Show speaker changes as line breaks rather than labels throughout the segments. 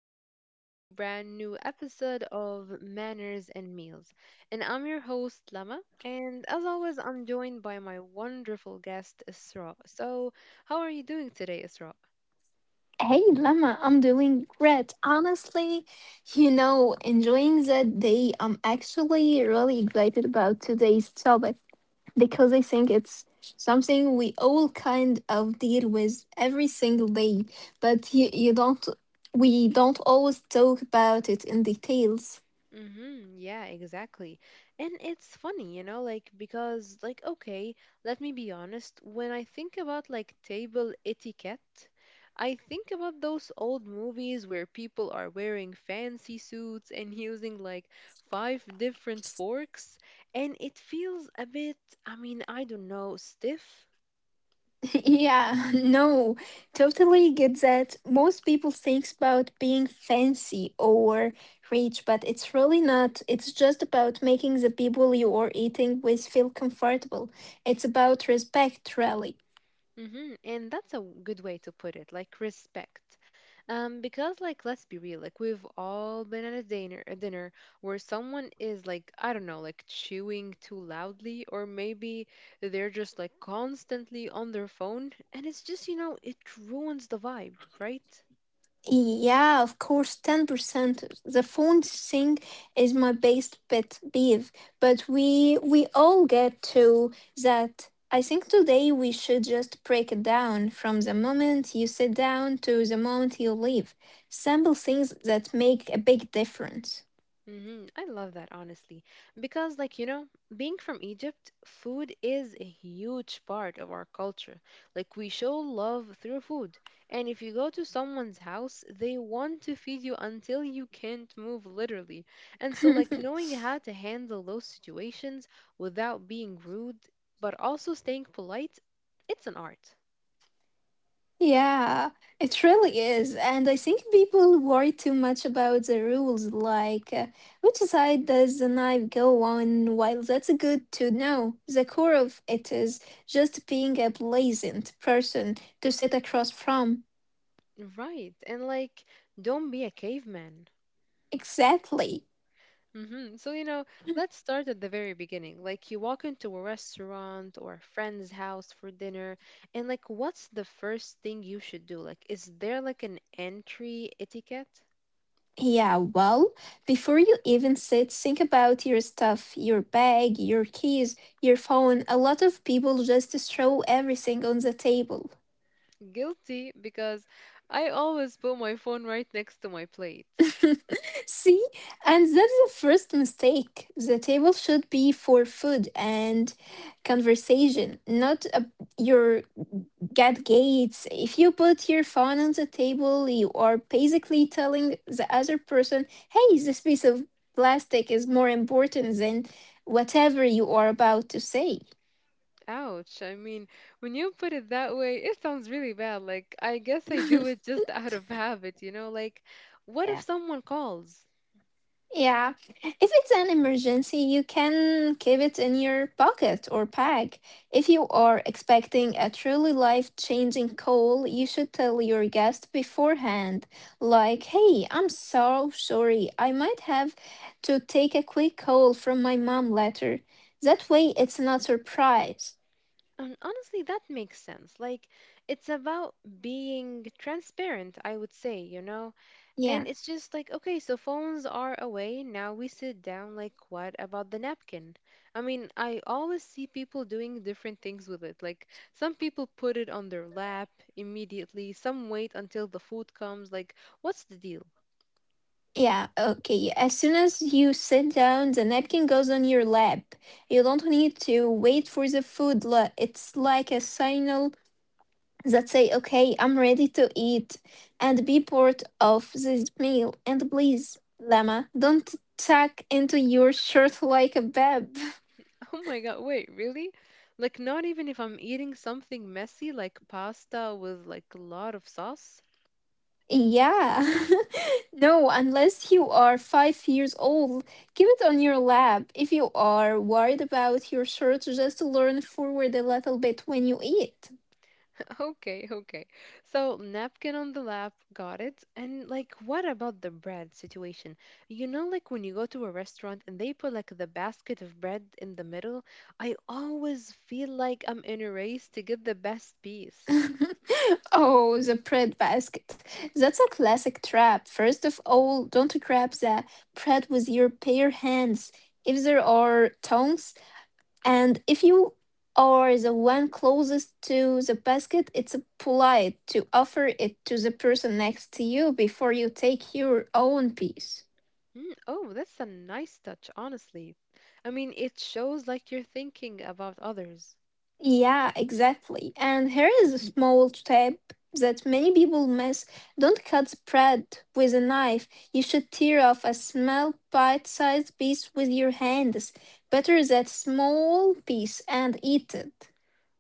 welcome to a brand new episode of Manners and Meals. And I'm your host, Lama. And as always, I'm joined by my wonderful guest, Isra. So, how are you doing today, Isra?
Hey Lama, I'm doing great. Honestly, enjoying the day. I'm actually really excited about today's topic because I think it's something we all kind of deal with every single day, but you don't we don't always talk about it in details.
Mm-hmm. Yeah, exactly. And it's funny, like because like okay, let me be honest, when I think about like table etiquette, I think about those old movies where people are wearing fancy suits and using like five different forks, and it feels a bit, I mean, I don't know, stiff.
Yeah, no, totally get that. Most people thinks about being fancy or rich, but it's really not. It's just about making the people you are eating with feel comfortable. It's about respect, really.
Mm-hmm. And that's a good way to put it, like respect. Because like let's be real, like we've all been at a dinner where someone is like, I don't know, like chewing too loudly, or maybe they're just like constantly on their phone, and it's just, it ruins the vibe, right?
Yeah, of course, 10%. The phone thing is my best pet peeve, but we all get to that. I think today we should just break it down from the moment you sit down to the moment you leave. Simple things that make a big difference.
I love that, honestly. Because, like, being from Egypt, food is a huge part of our culture. Like, we show love through food. And if you go to someone's house, they want to feed you until you can't move, literally. And so, like, knowing how to handle those situations without being rude, but also staying polite, it's an art.
Yeah, it really is. And I think people worry too much about the rules, like which side does the knife go on? While that's good to know, the core of it is just being a pleasant person to sit across from.
Right. And, like, don't be a caveman.
Exactly.
Mm-hmm. So, let's start at the very beginning. Like, you walk into a restaurant or a friend's house for dinner, and like, what's the first thing you should do? Like, is there like an entry etiquette?
Yeah, well, before you even sit, think about your stuff, your bag, your keys, your phone. A lot of people just throw everything on the table.
Guilty, because I always put my phone right next to my plate.
See, and that's the first mistake. The table should be for food and conversation, not your get gates. If you put your phone on the table, you are basically telling the other person, hey, this piece of plastic is more important than whatever you are about to say.
Ouch. I mean, when you put it that way, it sounds really bad. Like, I guess I do it just out of habit, you know? Like, what if someone calls?
Yeah. If it's an emergency, you can keep it in your pocket or bag. If you are expecting a truly life changing call, you should tell your guest beforehand, like, hey, I'm so sorry. I might have to take a quick call from my mom later. That way, it's not surprise.
And honestly, that makes sense. Like, it's about being transparent, I would say, you know? And
Yeah.
it's just like, okay, so phones are away. Now we sit down. Like, what about the napkin? I mean, I always see people doing different things with it. Like, some people put it on their lap immediately, some wait until the food comes. Like, what's the deal?
Yeah, okay, yeah, as soon as you sit down, the napkin goes on your lap. You don't need to wait for the food. It's like a signal that say, "Okay, I'm ready to eat," and be part of this meal. And please, Lama, don't tuck into your shirt like a babe.
Oh my God, wait, really? Like, not even if I'm eating something messy, like pasta with like a lot of sauce.
Yeah. No, unless you are 5 years old, keep it on your lap. If you are worried about your shirt, just learn forward a little bit when you eat.
Okay, okay. So napkin on the lap, got it. And like, what about the bread situation? Like when you go to a restaurant and they put like the basket of bread in the middle, I always feel like I'm in a race to get the best piece.
Oh, the bread basket. That's a classic trap. First of all, don't grab the bread with your bare hands if there are tongs. And if you are the one closest to the basket, it's polite to offer it to the person next to you before you take your own piece.
Mm, oh, that's a nice touch, honestly. I mean, it shows like you're thinking about others.
Yeah, exactly. And here is a small tip that many people miss. Don't cut bread with a knife. You should tear off a small bite-sized piece with your hands. Better that small piece and eat it.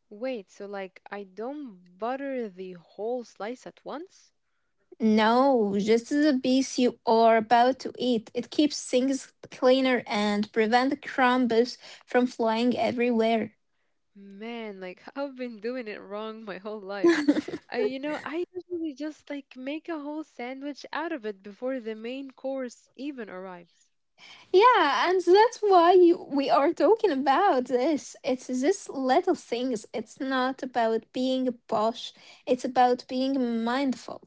Wait, so like I don't butter the whole slice at once?
No, just the piece you are about to eat. It keeps things cleaner and prevent crumbs from flying everywhere.
Man, like I've been doing it wrong my whole life. I usually just like make a whole sandwich out of it before the main course even arrives.
Yeah, and that's why we are talking about this. It's this little things. It's not about being posh. It's about being mindful.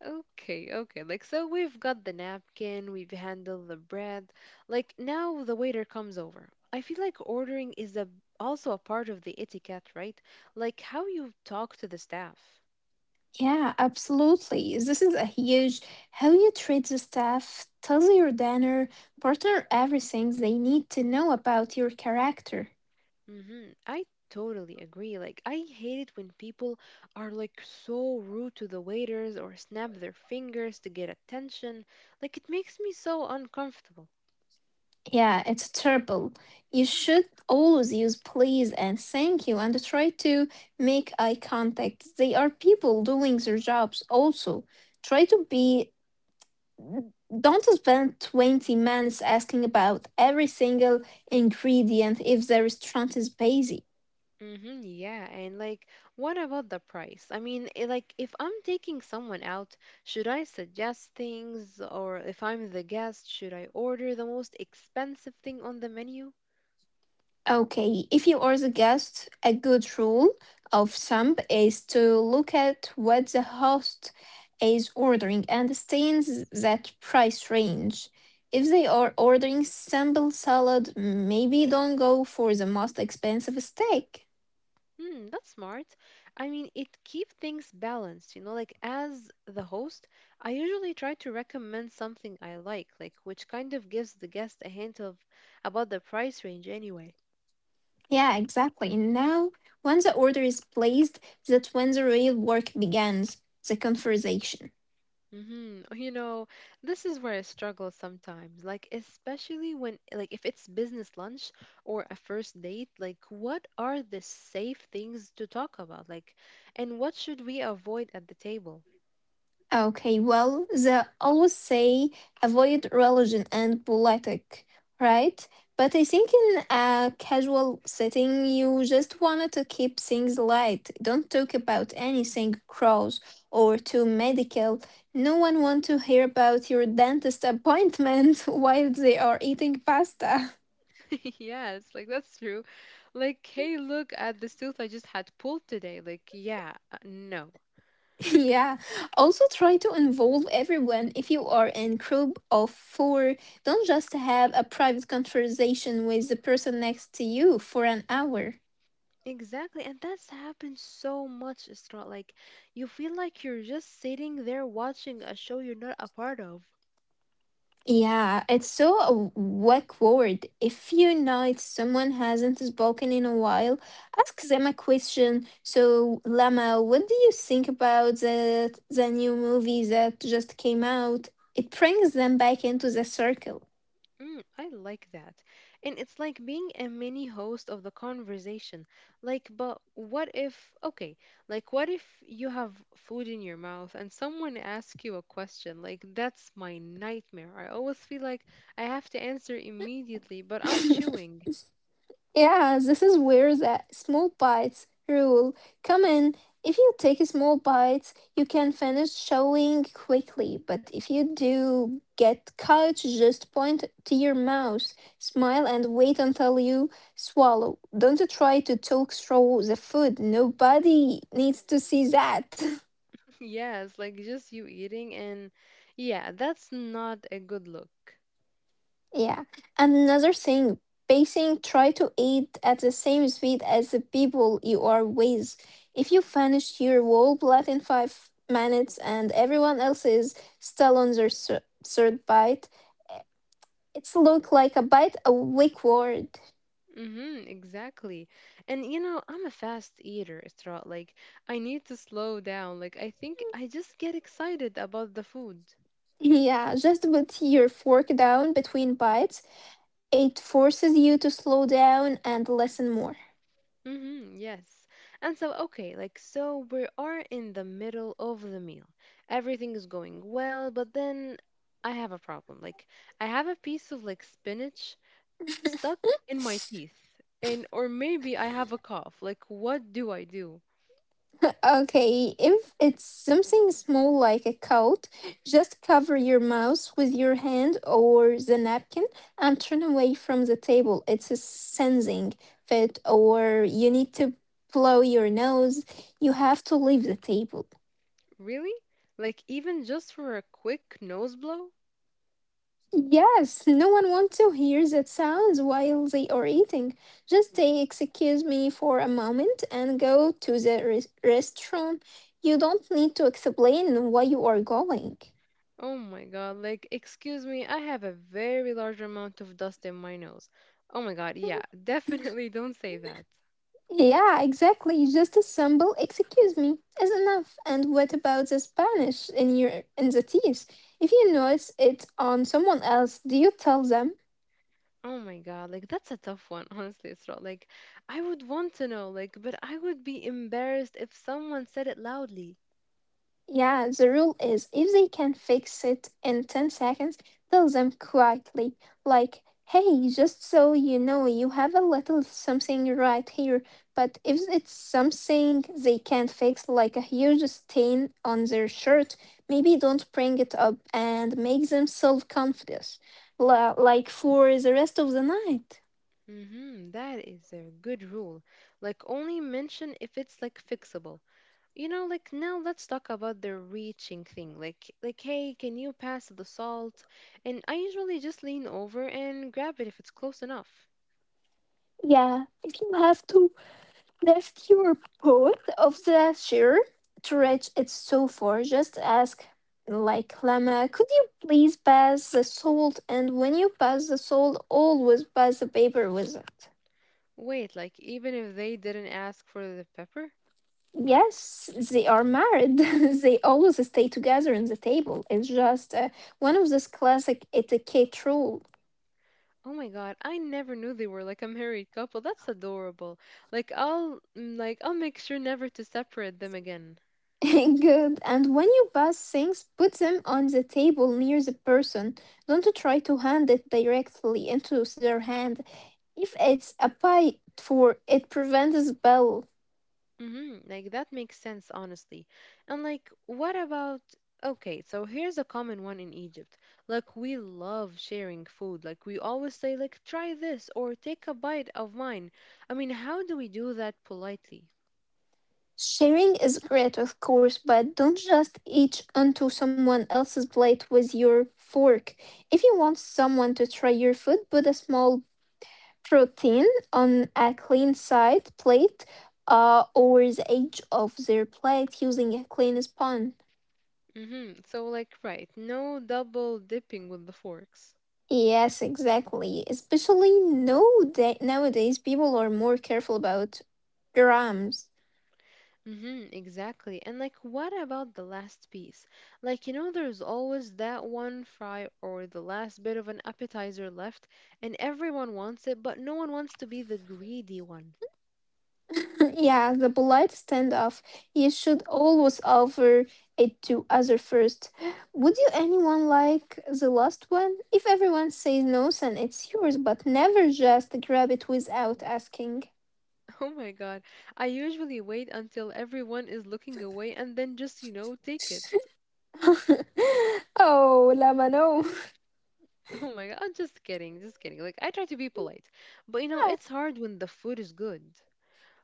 Okay, okay. Like so we've got the napkin, we've handled the bread. Like now the waiter comes over. I feel like ordering is a also a part of the etiquette, right? Like how you talk to the staff.
Yeah, absolutely. This is a huge how you treat the staff, tells your dinner partner everything they need to know about your character.
Mm-hmm. I totally agree. Like, I hate it when people are like so rude to the waiters or snap their fingers to get attention. Like, it makes me so uncomfortable.
Yeah, it's terrible. You should always use please and thank you and try to make eye contact. They are people doing their jobs also. Try to be, don't spend 20 minutes asking about every single ingredient if the restaurant is busy.
Mm-hmm. Yeah. And like, what about the price? I mean, like, if I'm taking someone out, should I suggest things? Or if I'm the guest, should I order the most expensive thing on the menu?
Okay, if you are the guest, a good rule of thumb is to look at what the host is ordering and stay in that price range. If they are ordering simple salad, maybe don't go for the most expensive steak.
Hmm, that's smart. I mean, it keeps things balanced, like as the host, I usually try to recommend something I like which kind of gives the guest a hint of about the price range anyway.
Yeah, exactly. And now, once the order is placed, that's when the real work begins, the conversation.
Mm-hmm. You know, this is where I struggle sometimes, like especially when like if it's business lunch or a first date, like what are the safe things to talk about? Like, and what should we avoid at the table?
Okay, well, they always say avoid religion and politic, right? But I think in a casual setting, you just wanted to keep things light. Don't talk about anything gross or too medical. No one wants to hear about your dentist appointment while they are eating pasta.
Yes, like that's true. Like, hey, look at this tooth I just had pulled today. Like, yeah, no.
Yeah. Also try to involve everyone if you are in group of four. Don't just have a private conversation with the person next to you for an hour.
Exactly. And that's happened so much, Isra. Like, you feel like you're just sitting there watching a show you're not a part of.
Yeah, it's so a word. If you know someone hasn't spoken in a while, ask them a question. So, Lama, what do you think about the new movie that just came out? It brings them back into the circle.
Mm, I like that. And it's like being a mini host of the conversation. Like, but what if, okay, like, what if you have food in your mouth and someone asks you a question? Like, that's my nightmare. I always feel like I have to answer immediately, but I'm chewing.
Yeah, this is where the small bites rule come in. If you take small bites, you can finish showing quickly, but if you do get caught, just point to your mouth, smile, and wait until you swallow. Don't try to talk through the food. Nobody needs to see that.
Yes, like just you eating, and yeah, that's not a good look.
Yeah. And another thing, pacing, try to eat at the same speed as the people you are with. If you finish your whole plate in 5 minutes and everyone else is still on their third bite, eh, it's look like a bite a weak word.
Mm-hmm, exactly. And I'm a fast eater, Isra. Like, I need to slow down. Like, I think I just get excited about the food.
Yeah, just put your fork down between bites. It forces you to slow down and listen more.
Mm-hmm, yes. And so, okay, like, so we are in the middle of the meal. Everything is going well, but then I have a problem. Like, I have a piece of like spinach stuck in my teeth, and or maybe I have a cough. Like, what do I do?
Okay, if it's something small like a coat, just cover your mouth with your hand or the napkin and turn away from the table. It's a sensing fit, or you need to blow your nose. You have to leave the table.
Really? Like, even just for a quick nose blow?
Yes, no one wants to hear that sounds while they are eating. Just say, excuse me for a moment and go to the restroom. You don't need to explain why you are going.
Oh my god, like, excuse me, I have a very large amount of dust in my nose. Oh my god, yeah, definitely don't say that.
Yeah, exactly. Just a simple excuse me is enough. And what about the Spanish in your in the teeth? If you notice it on someone else, do you tell them?
Oh my god, like, that's a tough one, honestly, Isra. Like, I would want to know, like, but I would be embarrassed if someone said it loudly.
Yeah, the rule is if they can fix it in 10 seconds, tell them quietly, like, hey, just so you know, you have a little something right here. But if it's something they can't fix, like a huge stain on their shirt, maybe don't bring it up and make them self confident, like for the rest of the night.
Mm-hmm, that is a good rule. Like, only mention if it's, like, fixable. Like now let's talk about the reaching thing, like, hey, can you pass the salt? And I usually just lean over and grab it if it's close enough.
Yeah, if you have to. The fewer pods of the share to reach its far. Just ask, like, Lama, could you please pass the salt? And when you pass the salt, always pass the paper with it.
Wait, like, even if they didn't ask for the pepper?
Yes, they are married. They always stay together on the table. It's just one of those classic etiquette rule.
Oh my god, I never knew they were like a married couple. That's adorable. Like, I'll make sure never to separate them again.
Good. And when you pass things, put them on the table near the person. Don't try to hand it directly into their hand. If it's applied for, it prevents spill.
Mm-hmm. Like that makes sense, honestly. And like, what about? Okay, so here's a common one in Egypt. Like, we love sharing food. Like, we always say, like, try this or take a bite of mine. I mean, how do we do that politely?
Sharing is great, of course, but don't just eat onto someone else's plate with your fork. If you want someone to try your food, put a small protein on a clean side plate or the edge of their plate using a clean spoon.
Mm-hmm. So, like, right, no double dipping with the forks.
Yes, exactly. Especially nowadays, people are more careful about grams.
Mm-hmm, exactly. And like, what about the last piece? Like, there's always that one fry or the last bit of an appetizer left, and everyone wants it, but no one wants to be the greedy one.
Yeah, the polite standoff. You should always offer it to other first. Would you anyone like the last one? If everyone says no, then it's yours, but never just grab it without asking.
Oh my God. I usually wait until everyone is looking away and then just, take it.
Oh, Lama, no.
Oh my God. I'm just kidding, just kidding. Like, I try to be polite, but
Yeah.
it's hard when the food is good.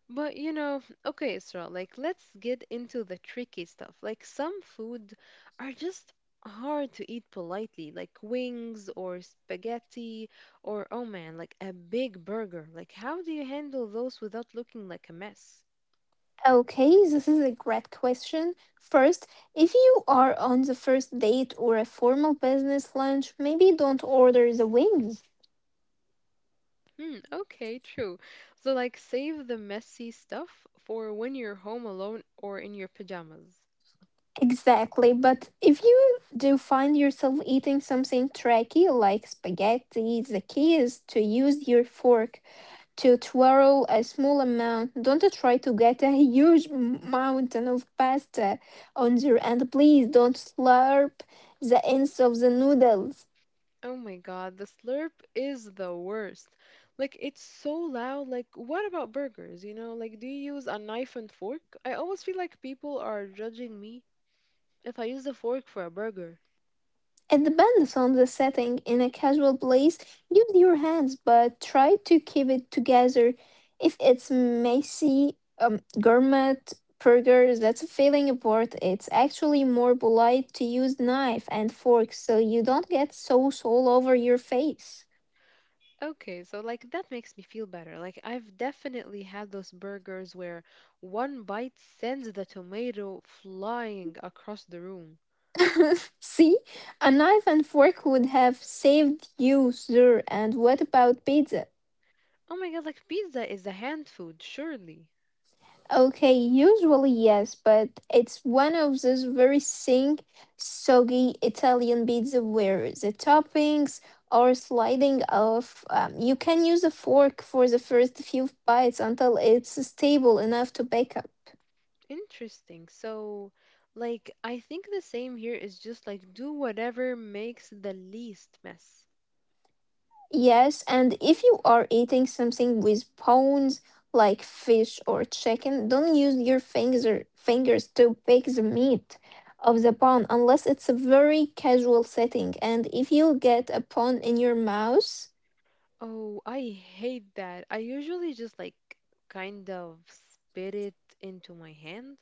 But okay, Isra, like let's get into the tricky stuff. Like some food are just hard to eat politely, like wings or spaghetti or oh man, like a big burger. Like how do you handle those without looking like a mess?
Okay, this is a great question. First, if you are on the first date or a formal business lunch, maybe don't order the wings.
Hmm, okay, true. So like save the messy stuff for when you're home alone or in your pajamas.
Exactly, but if you do find yourself eating something tricky like spaghetti, the key is to use your fork to twirl a small amount. Don't try to get a huge mountain of pasta on there, and please don't slurp the ends of the noodles.
Oh my god, the slurp is the worst. Like it's so loud. Like what about burgers, you know? Like do you use a knife and fork? I always feel like people are judging me if I use a fork for a burger.
It depends on the setting. In a casual place, use your hands, but try to keep it together. If it's messy, gourmet burgers, that's a feeling apart. It's actually more polite to use knife and forks so you don't get sauce all over your face.
Okay, so like that makes me feel better. Like I've definitely had those burgers where one bite sends the tomato flying across the room.
See, a knife and fork would have saved you, sir. And what about pizza?
Oh my god, like pizza is a hand food, surely.
Okay, usually yes, but it's one of those very thin, soggy Italian pizza where the toppings are sliding off. You can use a fork for the first few bites until it's stable enough to pick up.
Interesting. So, like, I think the same here is just like do whatever makes the least mess.
Yes, and if you are eating something with bones like fish or chicken, don't use your fingers to pick the meat of the bone unless it's a very casual setting. And if you get a bone in your mouth,
Oh, I hate that. I usually just like kind of spit it into my hand.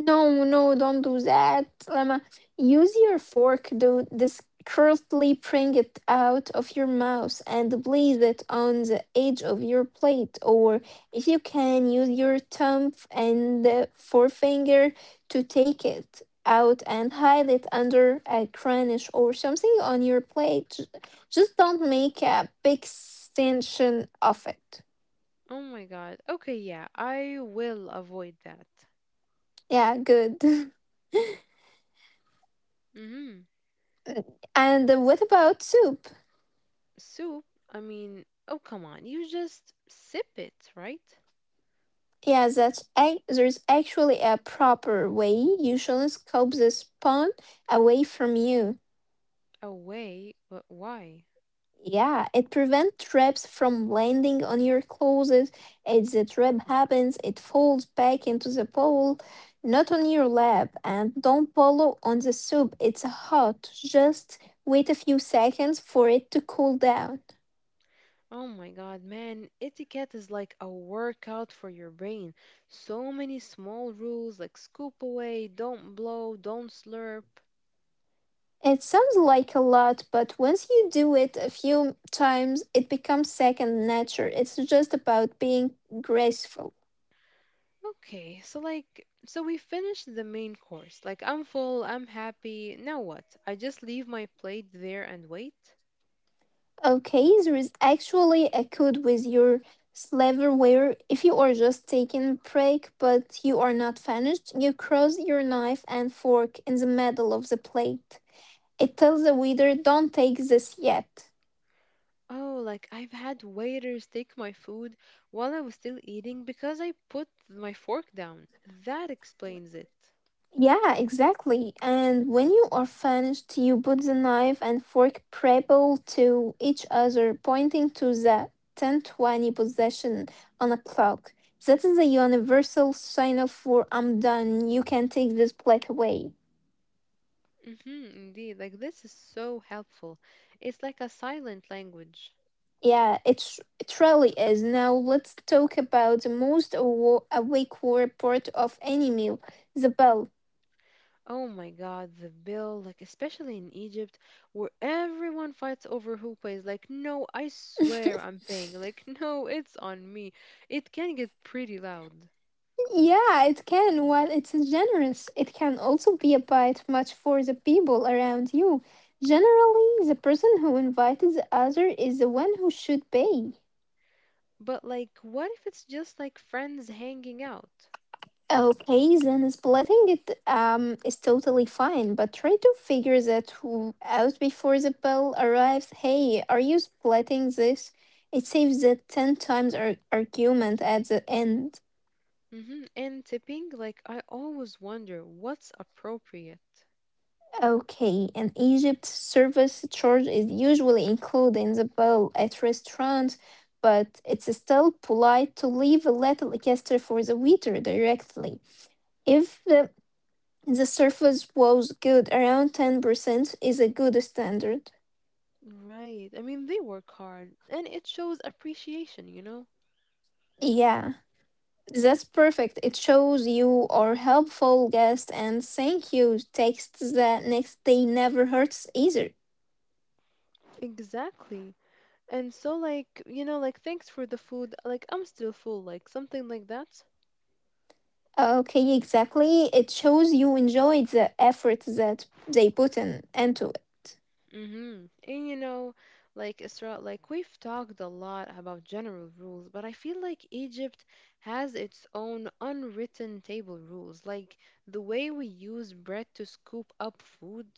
no, no, don't do that. Lama, use your fork to discreetly bring it out of your mouth and place it on the edge of your plate. Or if you can, use your thumb and forefinger to take it out and hide it under a cranish or something on your plate. Just don't make a big extension of it.
Oh my god. Okay, yeah, I will avoid that.
Yeah, good.
Mm-hmm.
And what about soup?
Soup, I mean, oh come on, you just sip it, right?
Yeah, that's there's actually a proper way. You shouldn't scoop the spawn away from you.
Away, but why?
Yeah, it prevents traps from landing on your clothes. If the trap happens, it falls back into the bowl, not on your lap. And don't follow on the soup. It's hot. Just wait a few seconds for it to cool down.
Oh my god, man, etiquette is like a workout for your brain. So many small rules like scoop away, don't blow, don't slurp.
It sounds like a lot, but once you do it a few times, it becomes second nature. It's just about being graceful.
Okay, so like, so we finished the main course. Like, I'm full, I'm happy. Now what? I just leave my plate there and wait?
Okay, there is actually a code with your silverware. If you are just taking a break but you are not finished, you cross your knife and fork in the middle of the plate. It tells the waiter, don't take this yet.
Oh, like I've had waiters take my food while I was still eating because I put my fork down. That explains it.
Yeah, exactly. And when you are finished, you put the knife and fork parallel to each other, pointing to the 1020 position on a clock. That is a universal signal for I'm done. You can take this plate away.
Indeed. Like, this is so helpful. It's like a silent language.
Yeah, it really is. Now let's talk about the most awake war part of any meal, the bell.
Oh my God, the bill, like, especially in Egypt, where everyone fights over who pays. Like, no, I swear I'm paying. Like, no, it's on me. It can get pretty loud.
Yeah, it can. While it's generous, it can also be a bit much for the people around you. Generally, the person who invited the other is the one who should pay.
But, like, what if it's just like friends hanging out?
Okay, then splitting it is totally fine, but try to figure out before the bill arrives. Hey, are you splitting this? It saves that ten times argument at the end.
And tipping, like, I always wonder what's appropriate.
Okay, in Egypt, service charge is usually included in the bill at restaurants, but it's still polite to leave a little extra for the waiter directly. If the service was good, around 10% is a good standard.
Right. I mean, they work hard, and it shows appreciation, you know?
Yeah, that's perfect. It shows you are helpful guest and thank you text the next day never hurts either.
Exactly. And so, like, like, thanks for the food. Like, I'm still full, like, something like that.
Okay, exactly. It shows you enjoyed the effort that they put in into it.
Mm-hmm. And like, Isra, like, we've talked a lot about general rules, but I feel like Egypt has its own unwritten table rules, like the way we use bread to scoop up food.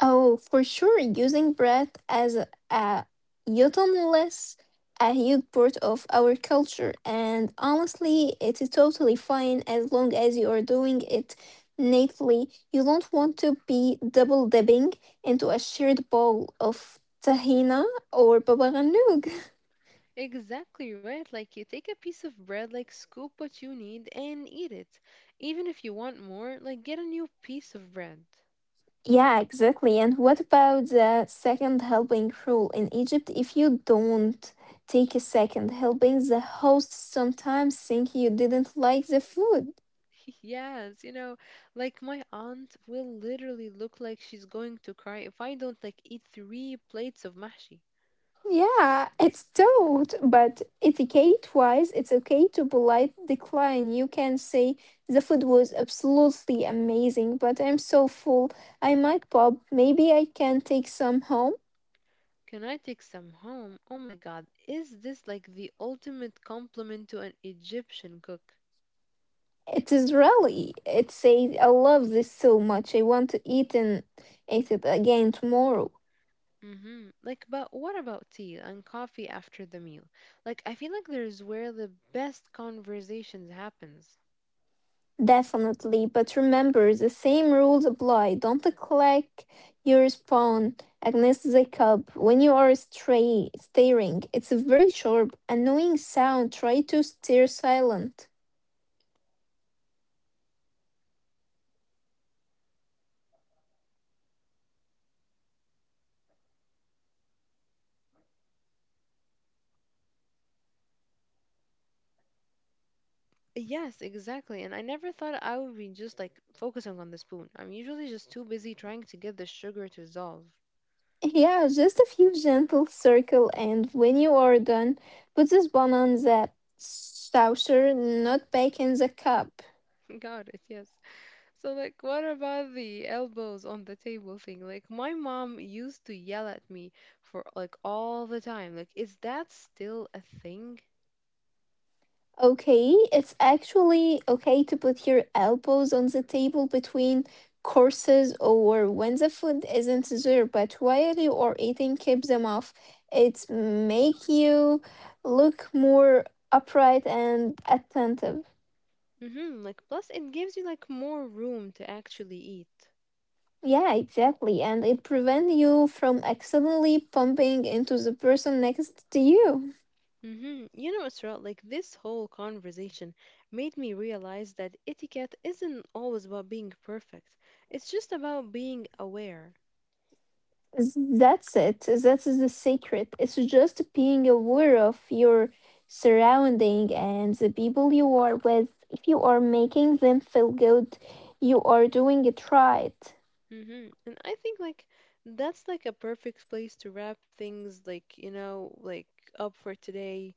Oh, for sure, using breath as a utensil's a huge part of our culture, and honestly, it is totally fine as long as you are doing it natively. You don't want to be double dipping into a shared bowl of tahina or baba ganoush.
Exactly right. Like, you take a piece of bread, like, scoop what you need and eat it. Even if you want more, like, get a new piece of bread.
Yeah, exactly. And what about the second helping rule in Egypt? If you don't take a second helping, the hosts sometimes think you didn't like the food.
Yes, like my aunt will literally look like she's going to cry if I don't like eat three plates of mahshi.
Yeah, it's taught, but etiquette-wise, it's okay to polite decline. You can say the food was absolutely amazing, but I'm so full. I might pop. Maybe I can take some home.
Can I take some home? Oh my God, is this like the ultimate compliment to an Egyptian cook?
It is really. It says, I love this so much. I want to eat and eat it again tomorrow.
Mm-hmm. Like, but what about tea and coffee after the meal? Like, I feel like there's where the best conversations happens.
Definitely, but remember the same rules apply. Don't click your spawn against the cup when you are stray staring. It's a very sharp, annoying sound. Try to stay silent.
Yes, exactly. And I never thought I would be just like focusing on the spoon. I'm usually just too busy trying to get the sugar to dissolve.
Yeah, just a few gentle circle, and when you are done, put the bun on the saucer, not back in the cup.
Got it, yes. So, like, what about the elbows on the table thing? Like, my mom used to yell at me for like all the time. Like, is that still a thing?
Okay, it's actually okay to put your elbows on the table between courses or when the food isn't there, but while you are eating, keep them off. It make you look more upright and attentive.
Mm-hmm. Like, plus it gives you like more room to actually eat.
Yeah, exactly. And it prevents you from accidentally bumping into the person next to you.
Mm-hmm. Isra, like this whole conversation made me realize that etiquette isn't always about being perfect. It's just about being aware.
That's it. That's the secret. It's just being aware of your surrounding and the people you are with. If you are making them feel good, you are doing it right.
Mm-hmm. And I think like that's like a perfect place to wrap things like, like up for today.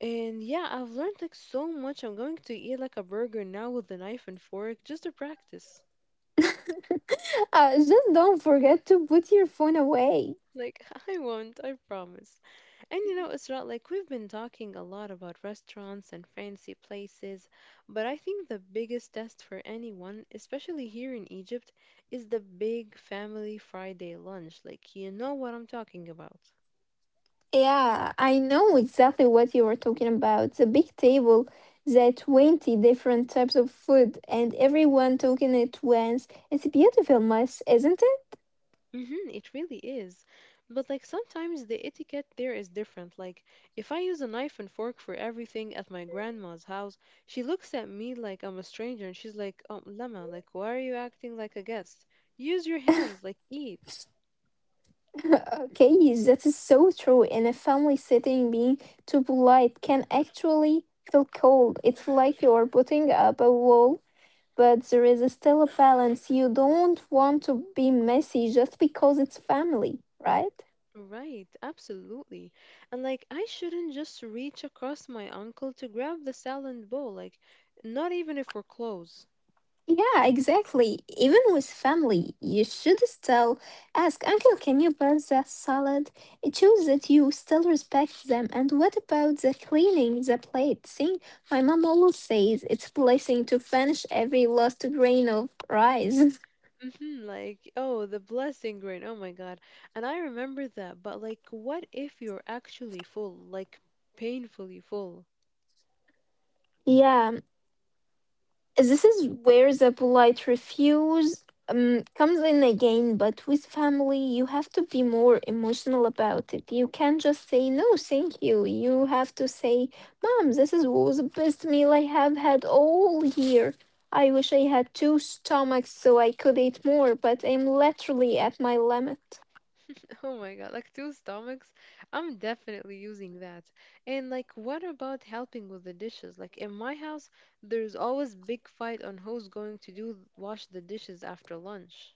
And yeah, I've learned like so much. I'm going to eat like a burger now with a knife and fork just to practice.
Just don't forget to put your phone away.
Like I won't, I promise. And it's not like we've been talking a lot about restaurants and fancy places, but I think the biggest test for anyone, especially here in Egypt, is the big family Friday lunch. Like you know what I'm talking about.
Yeah, I know exactly what you were talking about. The big table, the 20 different types of food, and everyone talking at once. It's a beautiful mess, isn't
Mm-hmm, it really is. But like sometimes the etiquette there is different. Like if I use a knife and fork for everything at my grandma's house, she looks at me like I'm a stranger and she's like, "Oh, Lama, like why are you acting like a guest? Use your hands, like eat."
it? okay, yes, that is so true. In a family setting, being too polite can actually feel cold. It's like you're putting up a wall, but there is still a balance. You don't want to be messy just because it's family, right?
Right, absolutely. And like I shouldn't just reach across my uncle to grab the salad bowl, like not even if we're close.
Yeah, exactly. Even with family, you should still ask, Uncle, can you pass the salad? It shows that you still respect them. And what about the cleaning the plate? See, my mom always says it's a blessing to finish every last grain of rice.
Hmm, like, oh, the blessing grain. Oh my God. And I remember that. But like, what if you're actually full? Like, painfully full.
Yeah, this is where the polite refuse comes in again, but with family, you have to be more emotional about it. You can't just say, no, thank you. You have to say, mom, this is was the best meal I have had all year. I wish I had two stomachs so I could eat more, but I'm literally at my limit.
Oh my God. Like, two stomachs? I'm definitely using that. And like, what about helping with the dishes? Like, in my house, there's always big fight on who's going to do wash the dishes after lunch.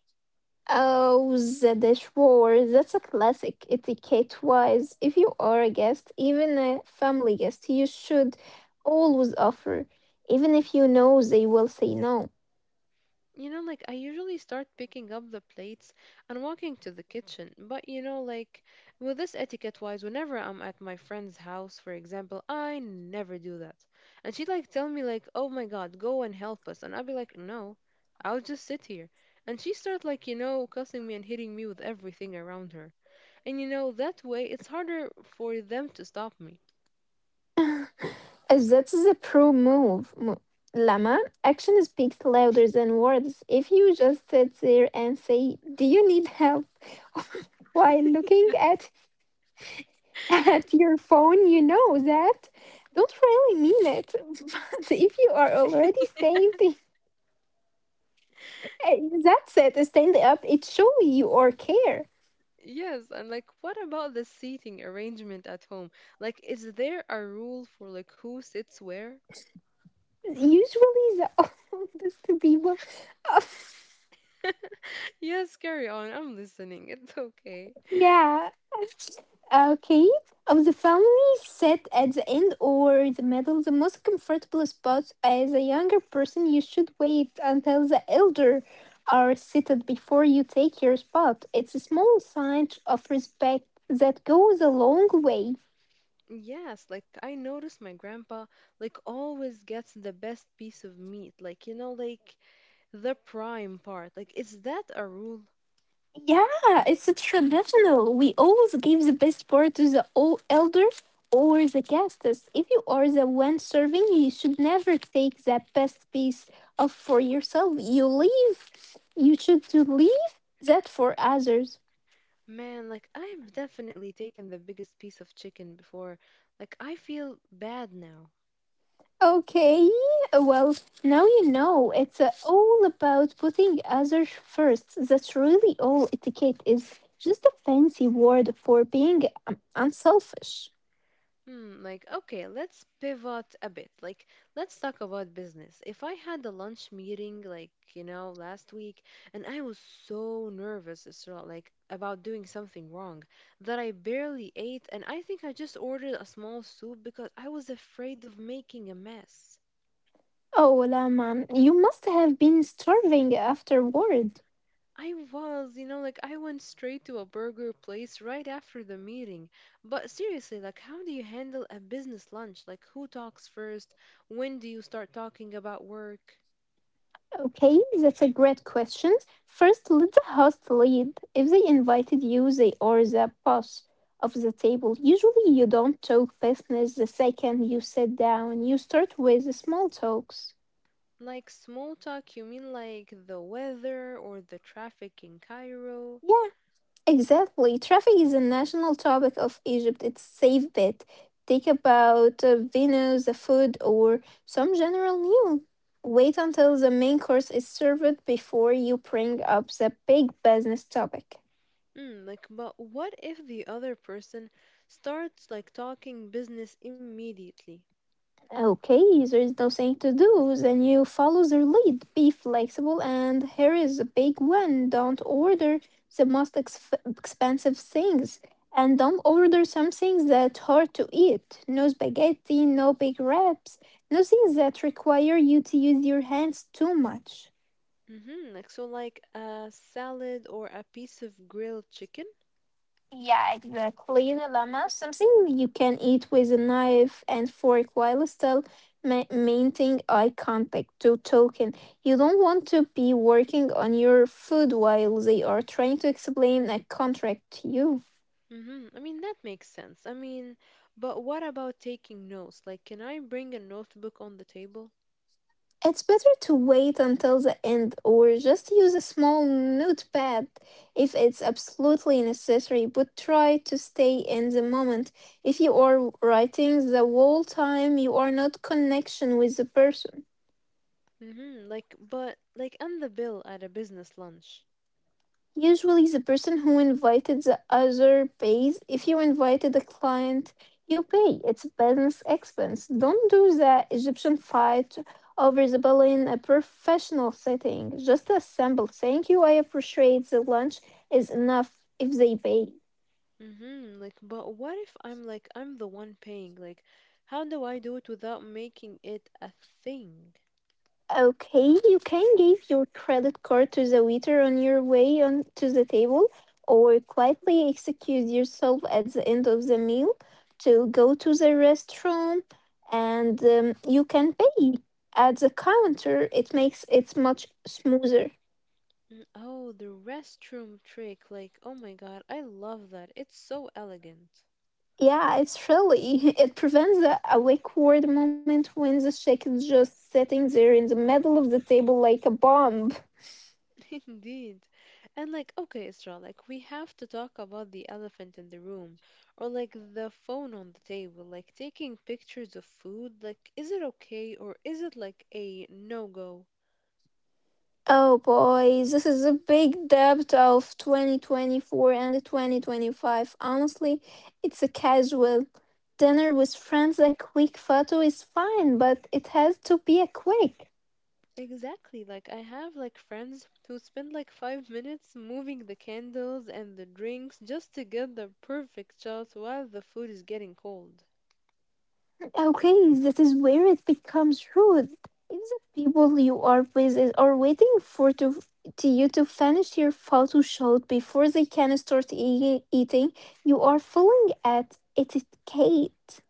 Oh, the dishwasher. That's a classic etiquette-wise. If you are a guest, even a family guest, you should always offer, even if you know they will say no.
Like I usually start picking up the plates and walking to the kitchen, but like with this etiquette wise, whenever I'm at my friend's house, for example, I never do that. And she'd like tell me like, "Oh my God, go and help us," and I'd be like, "No, I'll just sit here." And she start like cussing me and hitting me with everything around her. And that way, it's harder for them to stop me.
As That's the pro move. Lama, action speaks louder than words. If you just sit there and say, "Do you need help?" while looking at at your phone, you know that don't really mean it. But if you are already saved. Eh, That's it. Stand up. It show you or care.
Yes, and like what about the seating arrangement at home? Like, is there a rule for like who sits where?
Usually the oldest people.
Yes, carry on. I'm listening. It's okay.
yeah. Okay. Of the family sit at the end or the middle, the most comfortable spot. As a younger person, you should wait until the elder are seated before you take your spot. It's a small sign of respect that goes a long way.
Yes, like I noticed my grandpa like always gets the best piece of meat. Like, like the prime part. Like, is that a rule?
Yeah, it's a traditional. We always give the best part to the old elder or the guests. If you are the one serving, you should never take the best piece of for yourself. You leave. You should to leave that for others.
Man, like I've definitely taken the biggest piece of chicken before. Like I feel bad now.
Okay, well, now you know it's all about putting others first. That's really all etiquette is. Just a fancy word for being unselfish.
Hmm, like, okay, let's pivot a bit. Like, let's talk about business. If I had a lunch meeting, like, last week, and I was so nervous, Isra, like, about doing something wrong that I barely ate, and I think I just ordered a small soup because I was afraid of making a mess.
Oh, Lama, you must have been starving afterward.
I was, like, I went straight to a burger place right after the meeting. But seriously, like, how do you handle a business lunch? Like, who talks first? When do you start talking about work?
Okay, that's a great question. First, let the host lead. If they invited you, they are the boss of the table. Usually, you don't talk business the second you sit down. You start with small talks.
Like small talk, you mean like the weather or the traffic in Cairo?
Yeah, exactly. Traffic is a national topic of Egypt. It's safe bet. Take about venues, the food, or some general news. Wait until the main course is served before you bring up the big business topic.
Mm, like, but what if the other person starts like talking business immediately?
Okay, there is no saying to do, then you follow their lead. Be flexible, and here is a big one. Don't order the most expensive things, and don't order some things that hard to eat. No spaghetti, no big wraps, no things that require you to use your hands too much.
Mm-hmm. Like, so like a salad or a piece of grilled chicken?
Yeah, exactly. The llama, something you can eat with a knife and fork while still maintaining eye contact to token. You don't want to be working on your food while they are trying to explain a contract to you.
Mm-hmm. I mean, that makes sense. I mean, but what about taking notes? Like, can I bring a notebook on the table?
It's better to wait until the end or just use a small notepad if it's absolutely necessary, but try to stay in the moment. If you are writing the whole time, you are not connection with the person.
Mm-hmm. Like, but like, and the bill at a business lunch?
Usually, the person who invited the other pays. If you invited a client, you pay. It's a business expense. Don't do the Egyptian fight over the bill in a professional setting. Just a simple thank you, I appreciate the lunch is enough if they pay.
Mm-hmm. Like, but what if I'm like, I'm the one paying? Like, how do I do it without making it a thing?
Okay, you can give your credit card to the waiter on your way on to the table, or quietly excuse yourself at the end of the meal to go to the restroom, and you can pay at the counter. It makes it much smoother.
Mm, oh, the restroom trick. Like, oh my God, I love that. It's so elegant.
Yeah, it's really it prevents the awkward moment when the shake is just sitting there in the middle of the table like a bomb.
Indeed. And like, okay, Isra, like, we have to talk about the elephant in the room or like the phone on the table, like taking pictures of food. Like, is it okay or is it like a no-go?
Oh boy, this is a big debt of 2024 and 2025. Honestly, it's a casual. Dinner with friends, a quick photo is fine, but it has to be a quick.
Exactly. Like I have like friends who spend like 5 minutes moving the candles and the drinks just to get the perfect shot while the food is getting cold.
Okay, that is where it becomes rude. If the people you are with are waiting for to you to finish your photo shoot before they can start eating, you are falling at etiquette.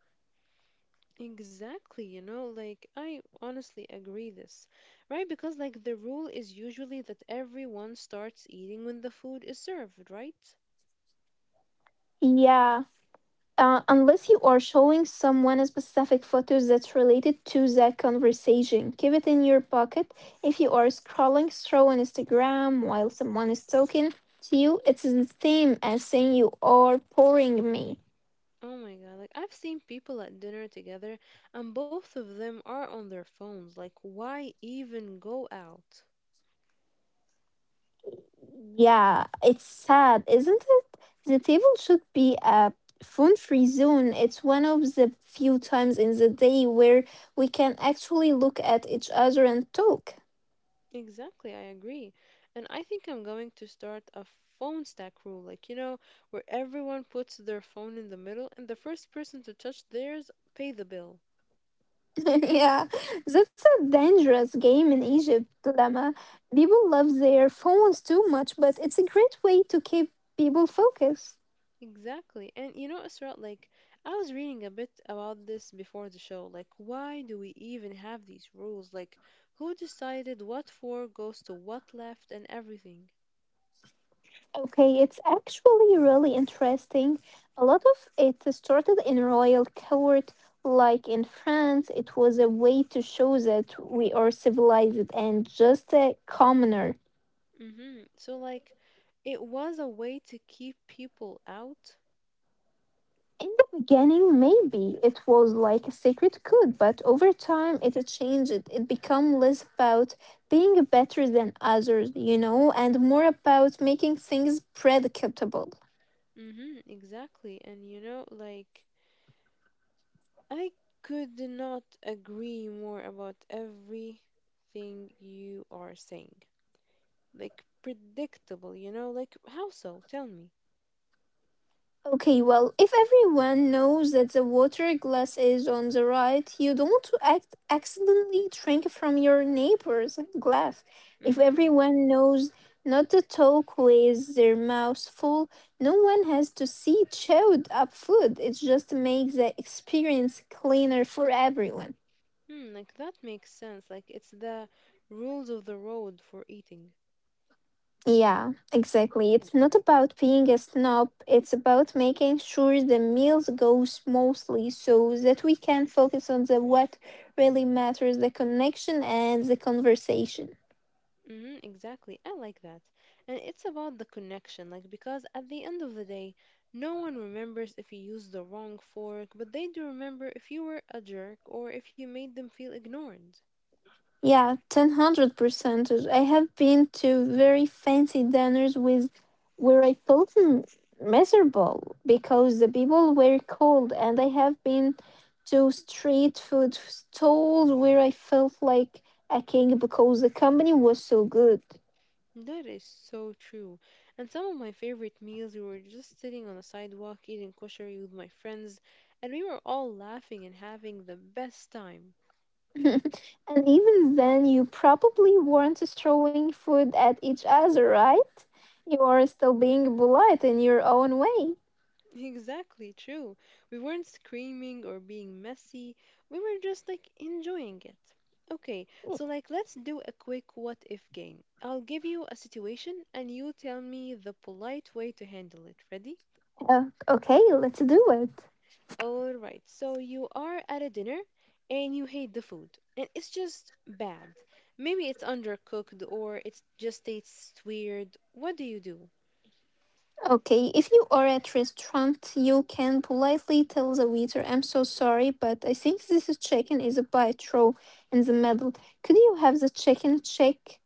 Exactly, like I honestly agree this. Right? Because like the rule is usually that everyone starts eating when the food is served, right?
Yeah. Unless you are showing someone a specific photos that's related to that conversation. Keep it in your pocket. If you are scrolling through on Instagram while someone is talking to you, it's the same as saying you are boring me.
Oh my God, like I've seen people at dinner together and both of them are on their phones. Like why even go out?
Yeah, it's sad, isn't it? The table should be a phone-free zone. It's one of the few times in the day where we can actually look at each other and talk.
Exactly, I agree. And I think I'm going to start a phone stack rule, like, where everyone puts their phone in the middle and the first person to touch theirs pay the bill.
yeah, that's a dangerous game in Egypt, Lama. People love their phones too much, but it's a great way to keep people focused.
Exactly. And Asra, like, I was reading a bit about this before the show. Like, why do we even have these rules? Like, who decided what for goes to what left and everything?
Okay, it's actually really interesting. A lot of it started in royal court, like in France. It was a way to show that we are civilized and just a commoner.
Mm-hmm. So, like, it was a way to keep people out.
In the beginning, maybe it was like a secret code, but over time it changed. It became less about being better than others, you know, and more about making things predictable.
Mm-hmm, exactly. And like, I could not agree more about everything you are saying. Like predictable, you know? Like how so? Tell me.
Okay, well, if everyone knows that the water glass is on the right, you don't act accidentally drink from your neighbor's glass. If
Mm-hmm.
everyone knows not to talk with their mouths full, no one has to see chewed up food. It just makes the experience cleaner for everyone.
Hmm, like that makes sense. Like it's the rules of the road for eating.
Yeah, exactly. It's not about being a snob, it's about making sure the meals go smoothly so that we can focus on the what really matters, the connection and the conversation.
Mm-hmm, exactly. I like that. And it's about the connection, like because at the end of the day, no one remembers if you used the wrong fork, but they do remember if you were a jerk or if you made them feel ignored.
Yeah, 1000% I have been to very fancy dinners with where I felt miserable because the people were cold, and I have been to street food stalls where I felt like a king because the company was so good.
That is so true. And some of my favorite meals, we were just sitting on the sidewalk eating koshari with my friends, and we were all laughing and having the best time.
and even then, you probably weren't throwing food at each other, right? You are still being polite in your own way.
Exactly true. We weren't screaming or being messy. We were just like enjoying it. Okay, so like let's do a quick what if game. I'll give you a situation and you tell me the polite way to handle it. Ready?
Okay, let's do it.
All right, so you are at a dinner and you hate the food, and it's just bad. Maybe it's undercooked or it just tastes weird. What do you do?
Okay, if you are at restaurant, you can politely tell the waiter, "I'm so sorry, but I think this is chicken is a bite row in the middle. Could you have the chicken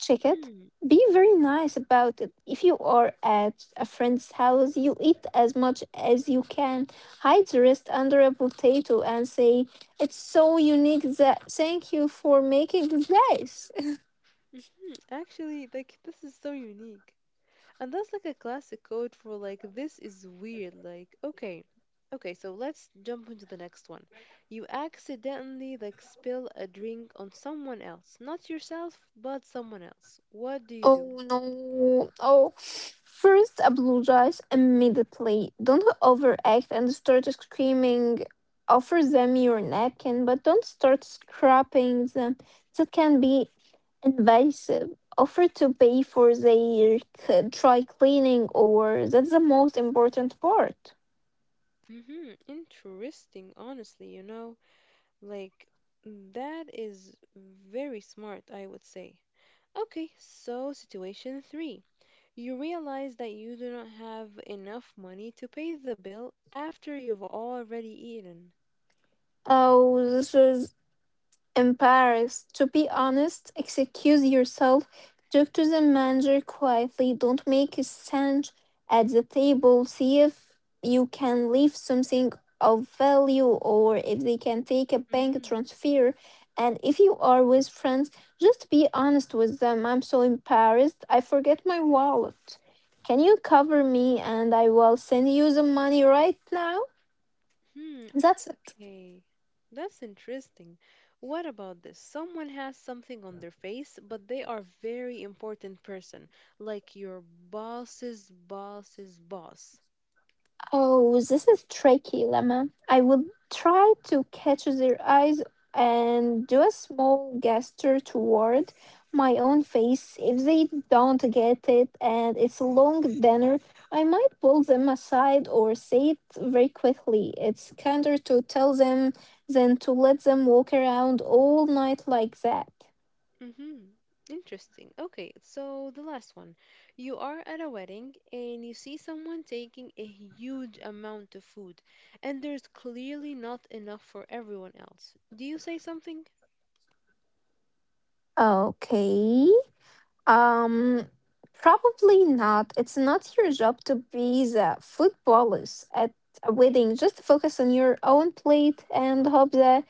check it?"
Mm,
Be very nice about it. If you are at a friend's house, you eat as much as you can. Hide the rest under a potato and say, "It's so unique that thank you for making this."
hmm actually, like this is so unique. And that's like a classic code for like this is weird. Like, okay, okay, so let's jump into the next one. You accidentally like spill a drink on someone else, not yourself, but someone else. What do you do?
Oh no. Oh, first apologize immediately. Don't overact and start screaming. Offer them your napkin, but don't start scrapping them. That can be invasive. Offer to pay for their dry cleaning, or that's the most important part.
Mm-hmm. Interesting, honestly, like that is very smart, I would say. Okay, so situation three. You realize that you do not have enough money to pay the bill after you've already eaten.
Oh, this is in Paris. To be honest, excuse yourself, talk to the manager quietly, don't make a sound at the table, see if you can leave something of value or if they can take a bank
Mm-hmm.
transfer. And if you are with friends, just be honest with them. I'm so embarrassed, I forget my wallet. Can you cover me and I will send you the money right now?
Hmm.
That's it.
Okay. That's interesting. What about this? Someone has something on their face, but they are very important person, like your boss's boss's boss.
Oh, this is tricky, Lemma. I will try to catch their eyes and do a small gesture toward my own face. If they don't get it and it's a long dinner, I might pull them aside or say it very quickly. It's kinder to tell them than to let them walk around all night like that.
Mm-hmm. Interesting. Okay, so the last one. You are at a wedding and you see someone taking a huge amount of food, and there's clearly not enough for everyone else. Do you say something?
Okay. Um, Probably not. It's not your job to be the food police at a wedding. Just focus on your own plate and hope the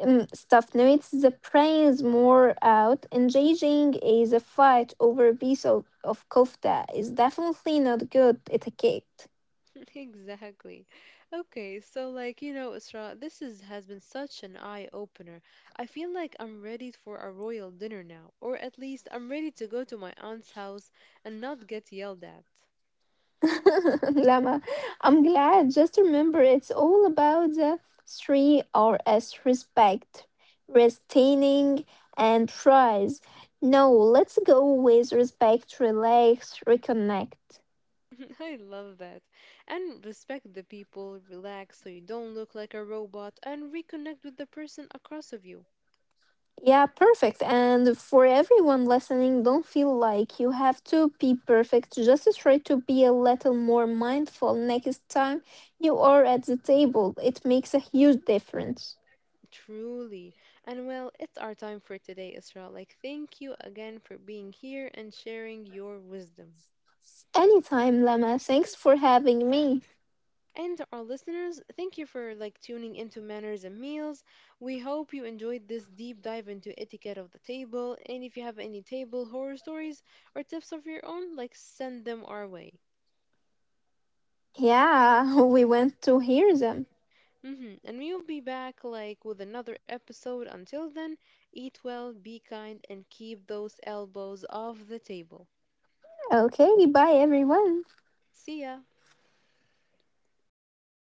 staff narrates the praise more out. Engaging is a fight over a piece of kofta is definitely not good etiquette.
Exactly. Okay, so like, Isra, this is has been such an eye opener. I feel like I'm ready for a royal dinner now, or at least I'm ready to go to my aunt's house and not get yelled at.
Lama, I'm glad. Just remember, it's all about the three R's respect, retaining, and prize. No, let's go with respect, relax, reconnect.
I love that. And respect the people, relax so you don't look like a robot, and reconnect with the person across of you.
Yeah, perfect. And for everyone listening, don't feel like you have to be perfect. Just try to be a little more mindful next time you are at the table. It makes a huge difference.
Truly. And well, it's our time for today, Isra. Like, thank you again for being here and sharing your wisdom.
Anytime, Lama. Thanks for having me.
And to our listeners, thank you for like tuning into Manners and Meals. We hope you enjoyed this deep dive into etiquette of the table. And if you have any table horror stories or tips of your own, like send them our way.
Yeah, we went to hear them.
Hmm. And we'll be back like with another episode. Until then, eat well, be kind, and keep those elbows off the table.
Okay, bye everyone.
See ya.